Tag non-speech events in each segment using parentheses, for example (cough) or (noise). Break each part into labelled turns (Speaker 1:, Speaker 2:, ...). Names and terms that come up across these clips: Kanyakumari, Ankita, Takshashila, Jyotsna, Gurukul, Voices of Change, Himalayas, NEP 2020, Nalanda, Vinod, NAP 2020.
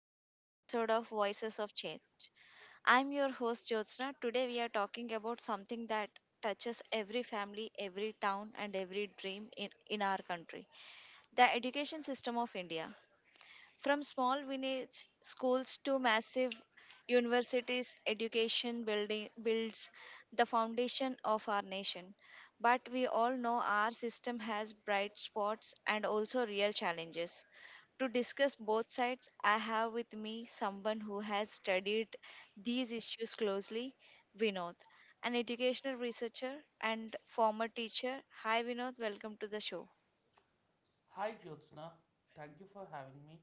Speaker 1: to another episode of Voices of Change. I'm your host, Jyotsna. Today, we are talking about something that touches every family, every town, and every dream in our country, the education system of India. From small village schools to massive universities, education building builds the foundation of our nation. But we all know our system has bright spots and also real challenges. To discuss both sides, I have with me someone who has studied these issues closely, Vinod, an educational researcher and former teacher. Hi, Vinod, welcome to the show.
Speaker 2: Hi Jyotsna, thank you for having me.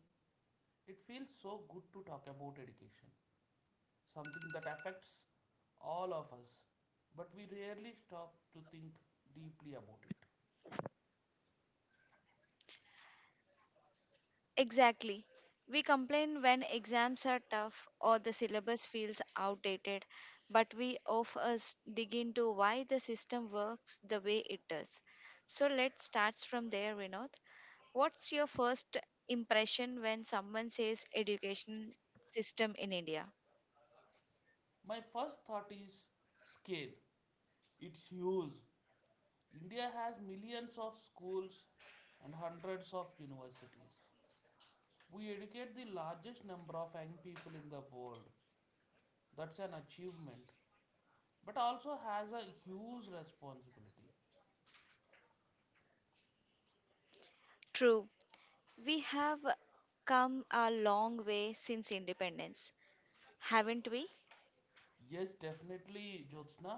Speaker 2: It feels so good to talk about education, something that affects all of us, but we rarely stop to think deeply about it.
Speaker 1: Exactly. We complain when exams are tough or the syllabus feels outdated, but we of us dig into why the system works the way it does. So let's start from there, Vinod. What's your first impression when someone says education system in India?
Speaker 2: My first thought is scale. It's huge. India has millions of schools and hundreds of universities. We educate the largest number of young people in the world. That's an achievement, but also has a huge responsibility.
Speaker 1: True. We have come a long way since independence, haven't we?
Speaker 2: Yes, definitely, Jyotsna.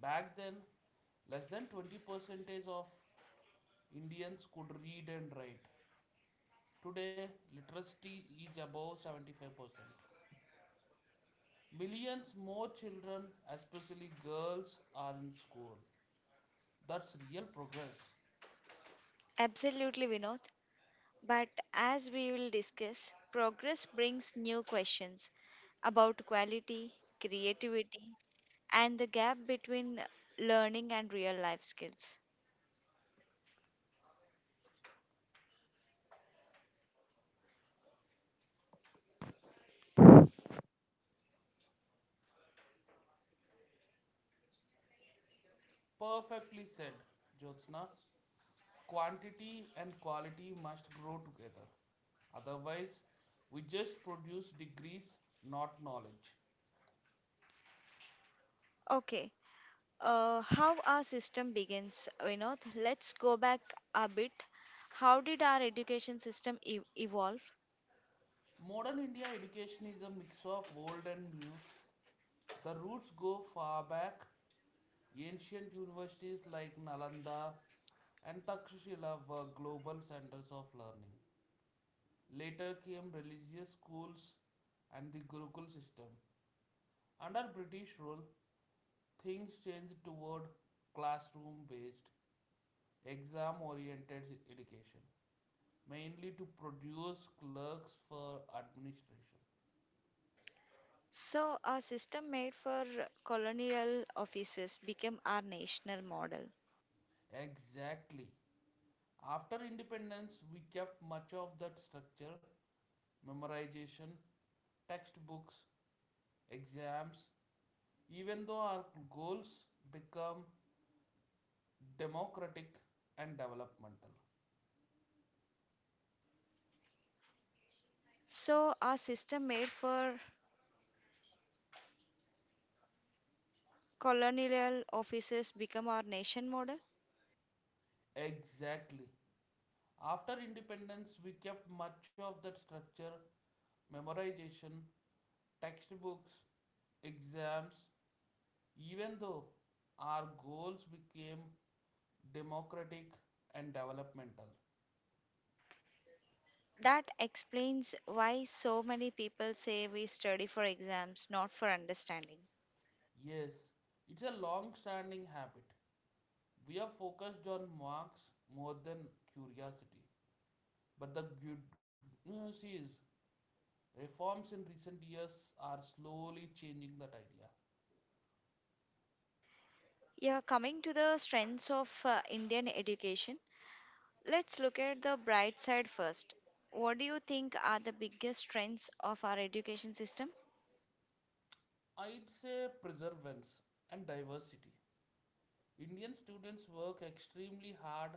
Speaker 2: Back then, less than 20 percentage of Indians could read and write. Today, literacy is above 75%. Millions more children, especially girls, are in school. That's real progress.
Speaker 1: Absolutely, Vinod. But as we will discuss, progress brings new questions about quality, creativity, and the gap between learning and real life skills.
Speaker 2: Perfectly said, Jyotsna. Quantity and quality must grow together. Otherwise, we just produce degrees, not knowledge.
Speaker 1: Okay, how our system begins, Vinod? Let's go back a bit. How did our education system evolve?
Speaker 2: Modern India education is a mix of old and new. The roots go far back. Ancient universities like Nalanda and Takshashila were global centers of learning. Later came religious schools and the Gurukul system. Under British rule, things changed toward classroom based, exam oriented education, mainly to produce clerks for administration.
Speaker 1: So, our system made for colonial officers became our national model.
Speaker 2: Exactly. After independence, we kept much of that structure, memorization, textbooks, exams, even though our goals become democratic and developmental.
Speaker 1: So, our system made for colonial offices become our nation model?
Speaker 2: Exactly. After independence, we kept much of that structure, memorization, textbooks, exams, even though our goals became democratic and developmental.
Speaker 1: That explains why so many people say we study for exams, not for understanding.
Speaker 2: Yes, it's a long standing habit. We are focused on marks more than curiosity. But the good news is, reforms in recent years are slowly changing that idea.
Speaker 1: Yeah, coming to the strengths of Indian education, let's look at the bright side first. What do you think are the biggest strengths of our education system?
Speaker 2: I'd say preservance and diversity. Indian students work extremely hard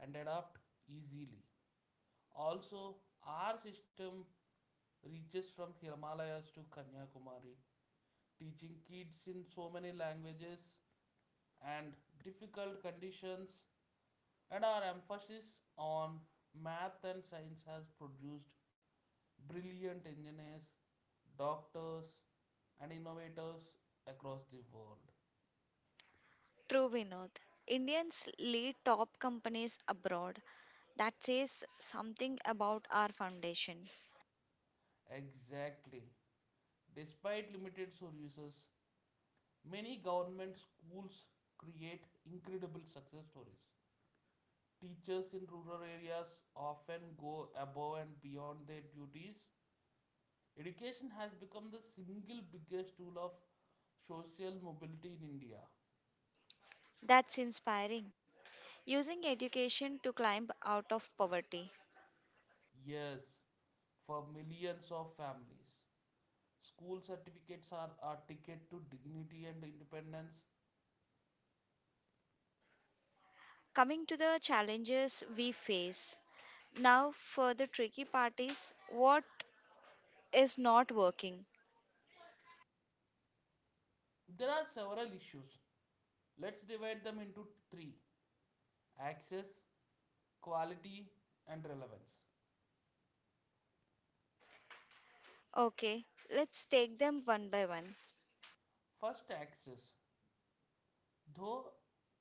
Speaker 2: and adapt easily. Also, our system reaches from Himalayas to Kanyakumari, teaching kids in so many languages and difficult conditions, and our emphasis on math and science has produced brilliant engineers, doctors, and innovators across the world.
Speaker 1: True, Vinod. Indians lead top companies abroad. That says something about our foundation.
Speaker 2: Exactly. Despite limited resources, many government schools create incredible success stories. Teachers in rural areas often go above and beyond their duties. Education has become the single biggest tool of social mobility in India.
Speaker 1: That's inspiring. Using education to climb out of poverty.
Speaker 2: Yes, for millions of families. School certificates are a ticket to dignity and independence.
Speaker 1: Coming to the challenges we face. Now, for the tricky part, is what is not working?
Speaker 2: There are several issues. Let's divide them into three: access, quality, and relevance.
Speaker 1: Okay, let's take them one by one.
Speaker 2: First, access. Though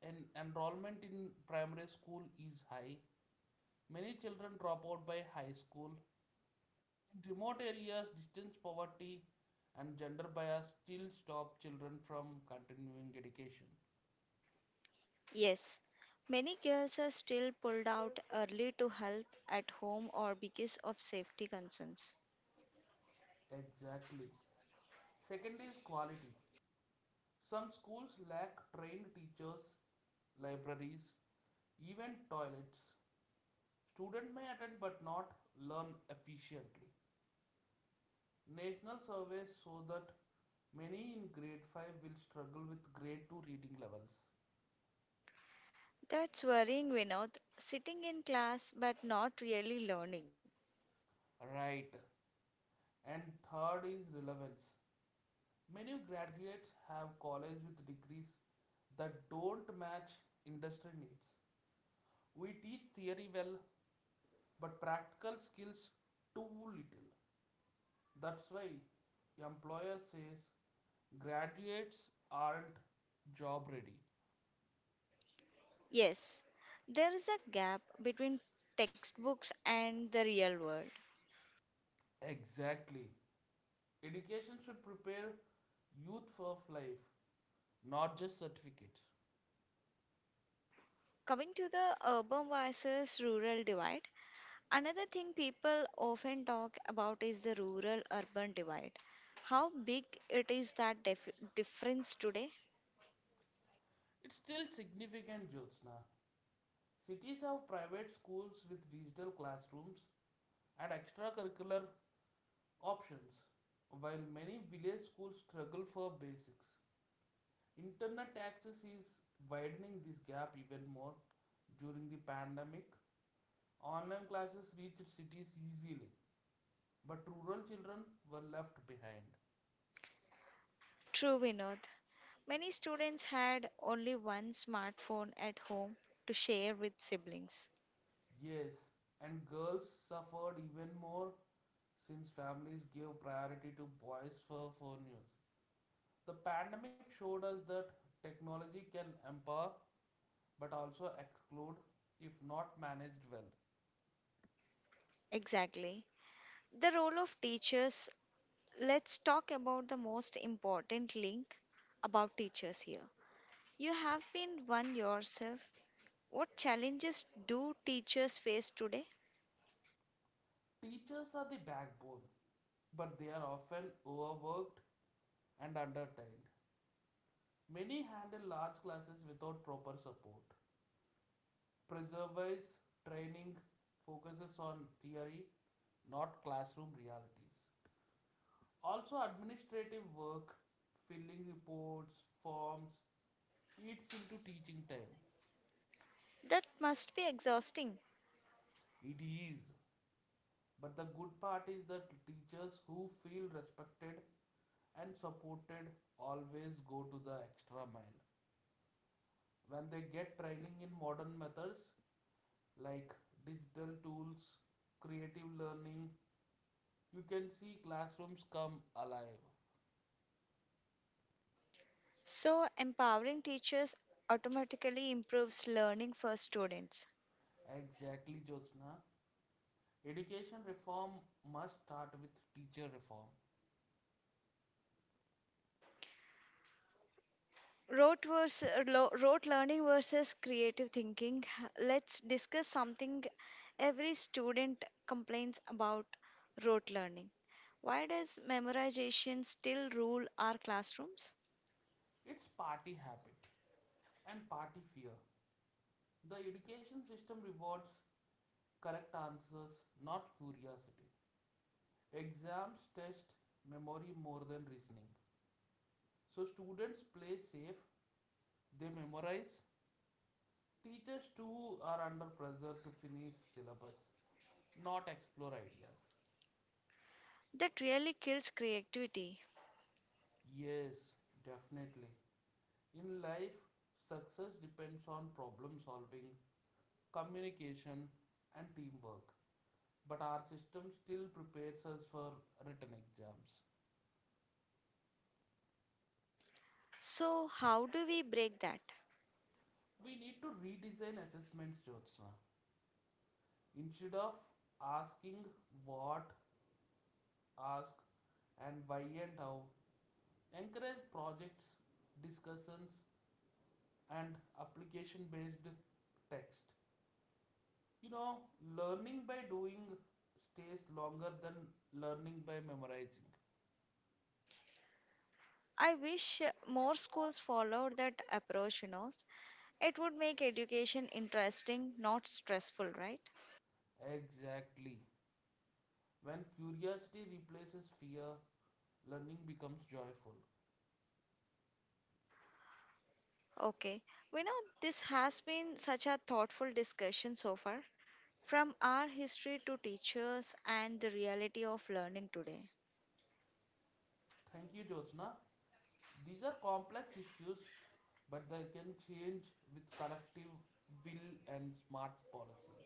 Speaker 2: enrollment in primary school is high, many children drop out by high school. In remote areas, distance poverty and gender bias still stop children from continuing education.
Speaker 1: Yes, many girls are still pulled out early to help at home or because of safety concerns.
Speaker 2: Exactly. Second is quality. Some schools lack trained teachers, libraries, even toilets. Student may attend but not learn efficiently. National surveys show that many in grade 5 will struggle with grade 2 reading levels.
Speaker 1: That's worrying, Vinod. Sitting in class but not really learning.
Speaker 2: Right. And third is relevance. Many graduates have college with degrees that don't match industry needs. We teach theory well, but practical skills too little. That's why employer says graduates aren't job ready.
Speaker 1: Yes, there is a gap between textbooks and the real world.
Speaker 2: Exactly. Education should prepare youth for life, not just certificates.
Speaker 1: Coming to the urban versus rural divide, another thing people often talk about is the rural urban divide. How big it is that difference today?
Speaker 2: It's still significant, Jyotsna. Cities have private schools with digital classrooms and extracurricular options, while many village schools struggle for basics. Internet access is widening this gap even more. During the pandemic, online classes reached cities easily, but rural children were left behind.
Speaker 1: True, Vinod. Many students had only one smartphone at home to share with siblings.
Speaker 2: Yes, and girls suffered even more since families gave priority to boys for news. The pandemic showed us that technology can empower but also exclude if not managed well.
Speaker 1: Exactly. The role of teachers. Let's talk about the most important link, about teachers here. You have been one yourself. What challenges do teachers face today?
Speaker 2: Teachers are the backbone, but they are often overworked and undertrained. Many handle large classes without proper support. Preservice training focuses on theory, not classroom realities. Also, administrative work, filling reports, forms, eats into teaching time.
Speaker 1: That must be exhausting.
Speaker 2: It is. But the good part is that teachers who feel respected and supported always go to the extra mile. When they get training in modern methods like digital tools, creative learning, you can see classrooms come alive.
Speaker 1: So, empowering teachers automatically improves learning for students.
Speaker 2: Exactly, Jyotsna. Education reform must start with teacher reform.
Speaker 1: Rote learning versus creative thinking. Let's discuss something every student complains about, rote learning. Why does memorization still rule our classrooms?
Speaker 2: It's party habit and party fear. The education system rewards correct answers, not curiosity. Exams test memory more than reasoning. So students play safe, they memorize. Teachers too are under pressure to finish syllabus, not explore ideas.
Speaker 1: That really kills creativity.
Speaker 2: Yes, definitely. In life, success depends on problem solving communication, and teamwork. But our system still prepares us for written exams.
Speaker 1: So how do we break that?
Speaker 2: We need to redesign assessments, Jyotsna. Instead of asking what, ask, and why and how, encourage projects, discussions, and application based text. You know, learning by doing stays longer than learning by memorizing.
Speaker 1: I wish more schools followed that approach. It would make education interesting, not stressful, right?
Speaker 2: Exactly. When curiosity replaces fear, learning becomes joyful.
Speaker 1: Okay, we know this has been such a thoughtful discussion so far, from our history to teachers and the reality of learning today.
Speaker 2: Thank you, Jyotsna. These are complex issues, but they can change with collective will and smart policy.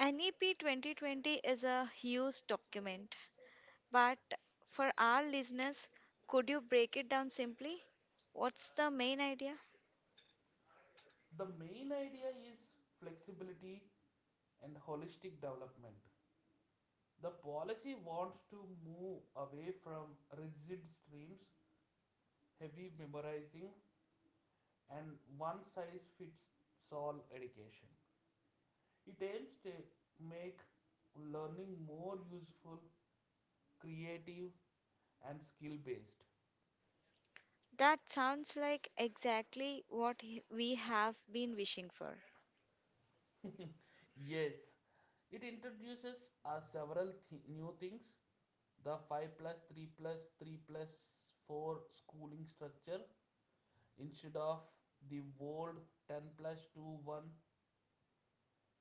Speaker 1: NEP 2020 is a huge document, but for our listeners, could you break it down simply? What's the main idea?
Speaker 2: The main idea is flexibility and holistic development. The policy wants to move away from rigid streams, heavy memorizing, and one size fits all education. It aims to make learning more useful, creative, and skill based.
Speaker 1: That sounds like exactly what we have been wishing for.
Speaker 2: (laughs) Yes, it introduces us several new things: the 5 plus 3 plus 3 plus 4 schooling structure instead of the old 10 plus 2 1,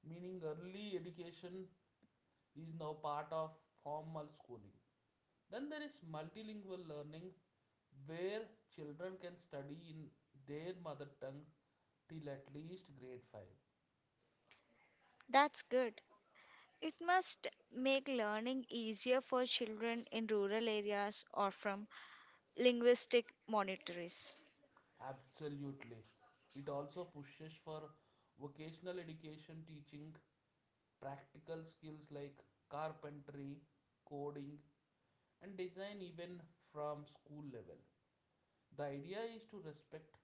Speaker 2: meaning early education is now part of formal schooling. Then there is multilingual learning where children can study in their mother tongue till at least grade 5.
Speaker 1: That's good. It must make learning easier for children in rural areas or from linguistic monitories.
Speaker 2: Absolutely. It also pushes for vocational education teaching practical skills like carpentry, coding, and design even from school level. The idea is to respect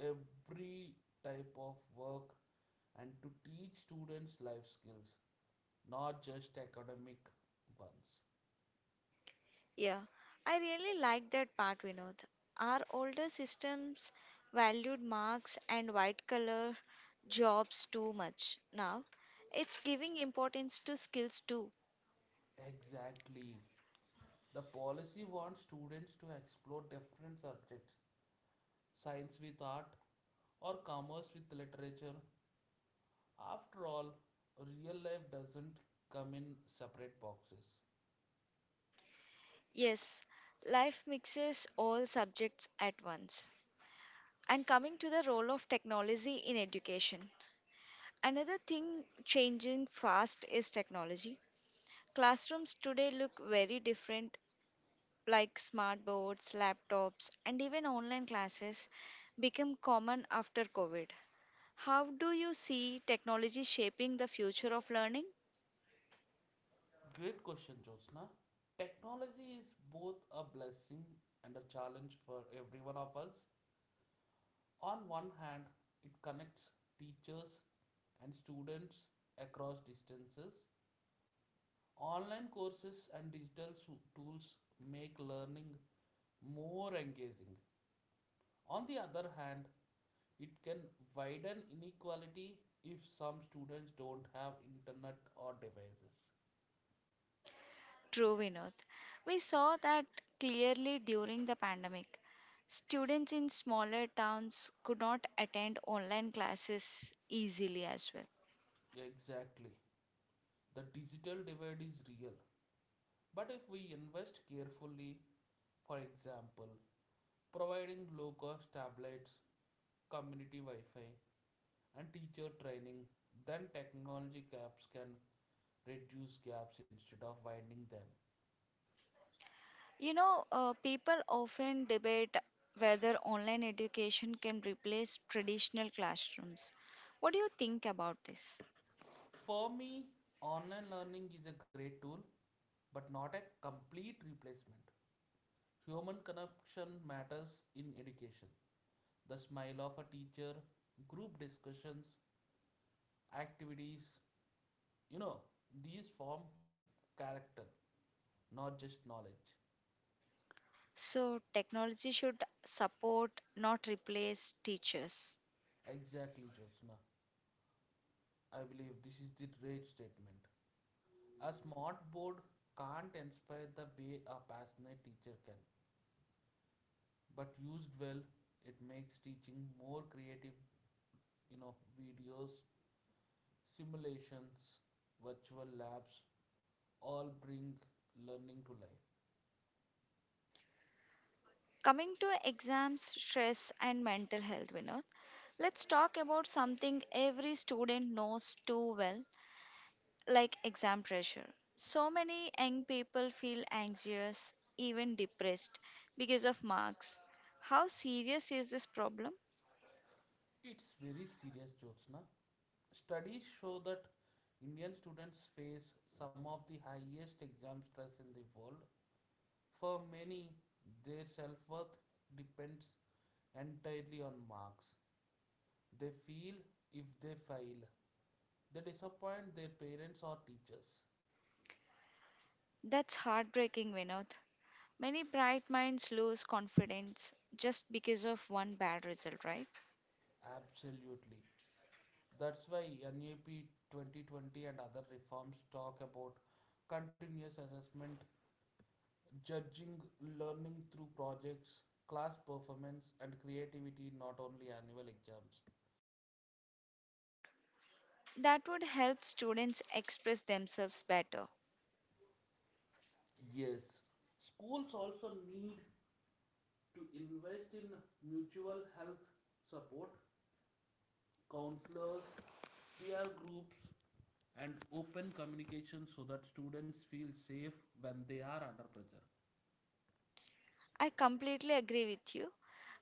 Speaker 2: every type of work and to teach students life skills, not just academic ones.
Speaker 1: Yeah, I really like that part, Vinod. Our older systems valued marks and white collar jobs too much. Now, it's giving importance to skills too.
Speaker 2: Exactly. The policy wants students to explore different subjects, science with art or commerce with literature. After all, real life doesn't come in separate boxes.
Speaker 1: Yes, life mixes all subjects at once. And coming to the role of technology in education, another thing changing fast is technology. Classrooms today look very different, like smart boards, laptops, and even online classes became common after COVID. How do you see technology shaping the future of learning?
Speaker 2: Great question, Jyotsna. Technology is both a blessing and a challenge for every one of us. On one hand, it connects teachers and students across distances. Online courses and digital tools make learning more engaging. On the other hand, it can widen inequality if some students don't have internet or devices.
Speaker 1: True, Vinod. We saw that clearly during the pandemic. Students in smaller towns could not attend online classes easily as well.
Speaker 2: Exactly. The digital divide is real, but if we invest carefully, for example, providing low cost tablets, community Wi Fi, and teacher training, then technology gaps can reduce gaps instead of widening them.
Speaker 1: You know, people often debate whether online education can replace traditional classrooms. What do you think about this?
Speaker 2: For me, online learning is a great tool, but not a complete replacement. Human connection matters in education: the smile of a teacher, group discussions, activities. You know, these form character, not just knowledge.
Speaker 1: So, technology should support, not replace teachers.
Speaker 2: Exactly, Jyotsna. I believe this is the right statement. A smart board can't inspire the way a passionate teacher can, but used well, it makes teaching more creative. You know, videos, simulations, virtual labs all bring learning to life.
Speaker 1: Coming to exams, stress, and mental health, Vinod, let's talk about something every student knows too well, like exam pressure. So many young people feel anxious, even depressed, because of marks. How serious is this problem?
Speaker 2: It's very serious, Jyotsna. Studies show that Indian students face some of the highest exam stress in the world. For many, their self worth depends entirely on marks. They feel if they fail, they disappoint their parents or teachers.
Speaker 1: That's heartbreaking, Vinod. Many bright minds lose confidence just because of one bad result, right?
Speaker 2: Absolutely. That's why NAP 2020 and other reforms talk about continuous assessment, judging learning through projects, class performance, and creativity, not only annual exams.
Speaker 1: That would help students express themselves better.
Speaker 2: Yes, schools also need to invest in mutual health support, counselors, peer groups, and open communication so that students feel safe when they are under pressure.
Speaker 1: I completely agree with you.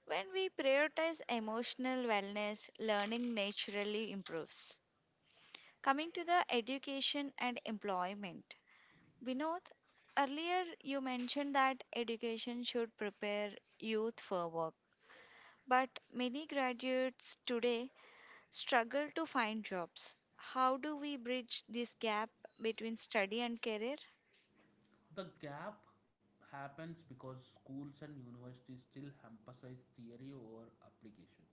Speaker 1: When we prioritize emotional wellness, learning naturally improves. Coming to the education and employment, Vinod, earlier you mentioned that education should prepare youth for work, but many graduates today struggle to find jobs. How do we bridge this gap between study and career?
Speaker 2: The gap happens because schools and universities still emphasize theory over application.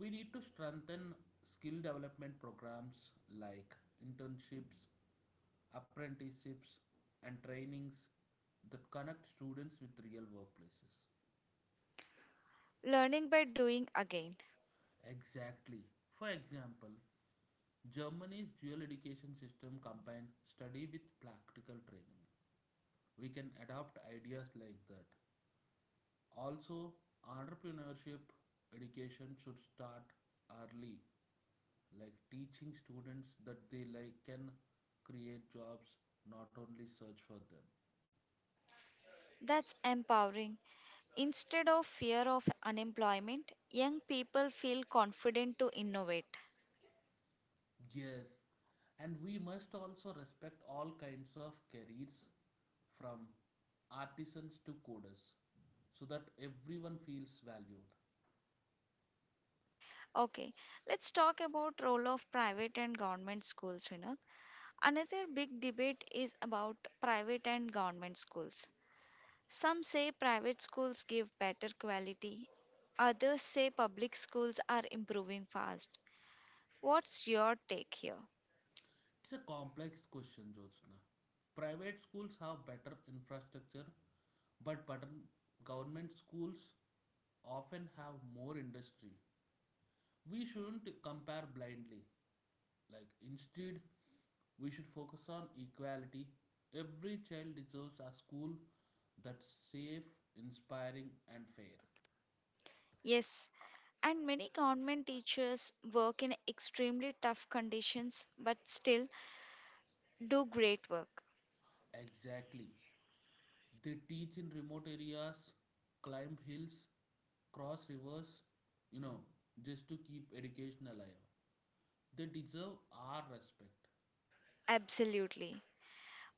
Speaker 2: We need to strengthen skill development programs like internships, apprenticeships, and trainings that connect students with real workplaces.
Speaker 1: Learning by doing again.
Speaker 2: Exactly. For example, Germany's dual education system combines study with practical training. We can adopt ideas like that. Also, entrepreneurship education should start early, like teaching students that they like can create jobs, not only search for them.
Speaker 1: That's empowering. Instead of fear of unemployment, young people feel confident to innovate.
Speaker 2: Yes, and we must also respect all kinds of careers, from artisans to coders, so that everyone feels valued.
Speaker 1: Okay, let's talk about role of private and government schools, you know. Another big debate is about private and government schools. Some say private schools give better quality. Others say public schools are improving fast. What's your take here?
Speaker 2: It's a complex question, Jyotsna. Private schools have better infrastructure, but government schools often have more industry. We shouldn't compare blindly. Like instead, we should focus on equality. Every child deserves a school that's safe, inspiring, and fair.
Speaker 1: Yes, and many government teachers work in extremely tough conditions, but still do great work.
Speaker 2: Exactly. They teach in remote areas, climb hills, cross rivers, you know, just to keep education alive. They deserve our respect.
Speaker 1: Absolutely.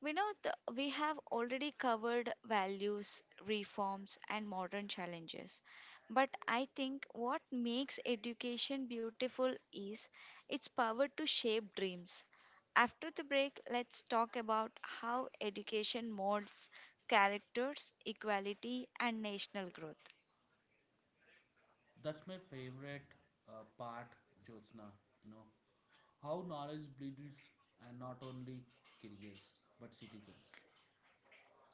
Speaker 1: We know we have already covered values, reforms, and modern challenges. But I think what makes education beautiful is its power to shape dreams. After the break, let's talk about how education molds characters, equality, and national growth.
Speaker 2: That's my favorite part, Jyotsna. You know, how knowledge builds and not only careers but citizens.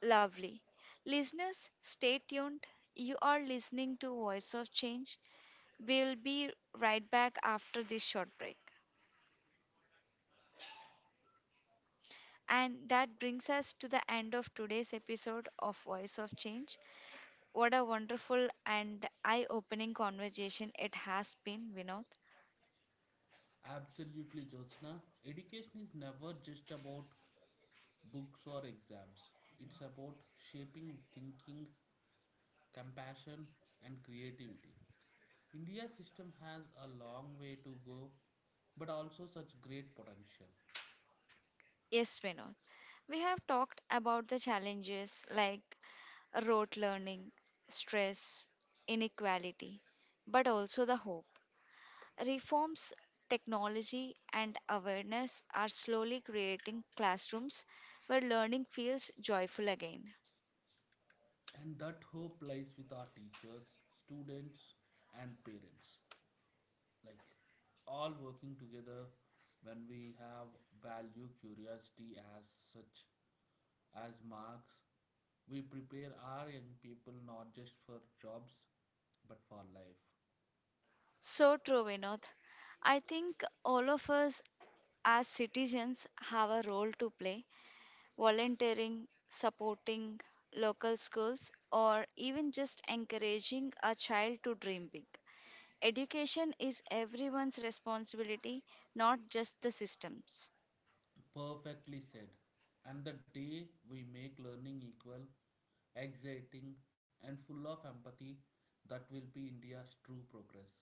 Speaker 1: Lovely. Listeners, stay tuned. You are listening to Voice of Change. We'll be right back after this short break. And that brings us to the end of today's episode of Voice of Change. What a wonderful and eye opening conversation it has been, Vinod.
Speaker 2: Absolutely, Jyotsna. Education is never just about books or exams. It's about shaping thinking, compassion, and creativity. India's system has a long way to go, but also such great potential.
Speaker 1: Yes, Vinod. We have talked about the challenges like rote learning, stress, inequality, but also the hope. Reforms, technology, and awareness are slowly creating classrooms where learning feels joyful again.
Speaker 2: And that hope lies with our teachers, students, and parents. Like all working together, when we have value curiosity as such as marks, we prepare our young people not just for jobs but for life.
Speaker 1: So true, Vinod. I think all of us as citizens have a role to play, volunteering, supporting local schools, or even just encouraging a child to dream big. Education is everyone's responsibility, not just the system's.
Speaker 2: Perfectly said. And the day we make learning equal, exciting, and full of empathy, that will be India's true progress.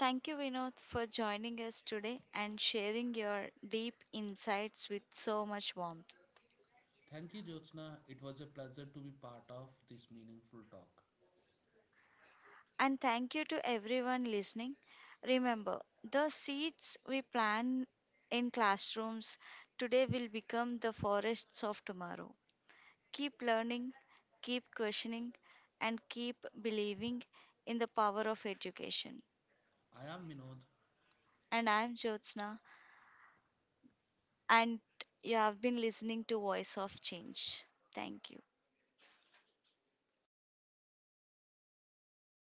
Speaker 1: Thank you, Vinod, for joining us today and sharing your deep insights with so much warmth.
Speaker 2: Thank you, Jyotsna. It was a pleasure to be part of this meaningful talk.
Speaker 1: And thank you to everyone listening. Remember, the seeds we plant in classrooms today will become the forests of tomorrow. Keep learning, keep questioning, and keep believing in the power of education.
Speaker 2: I am Vinod,
Speaker 1: And I am Jyotsna, and you have been listening to Voice of Change. Thank you.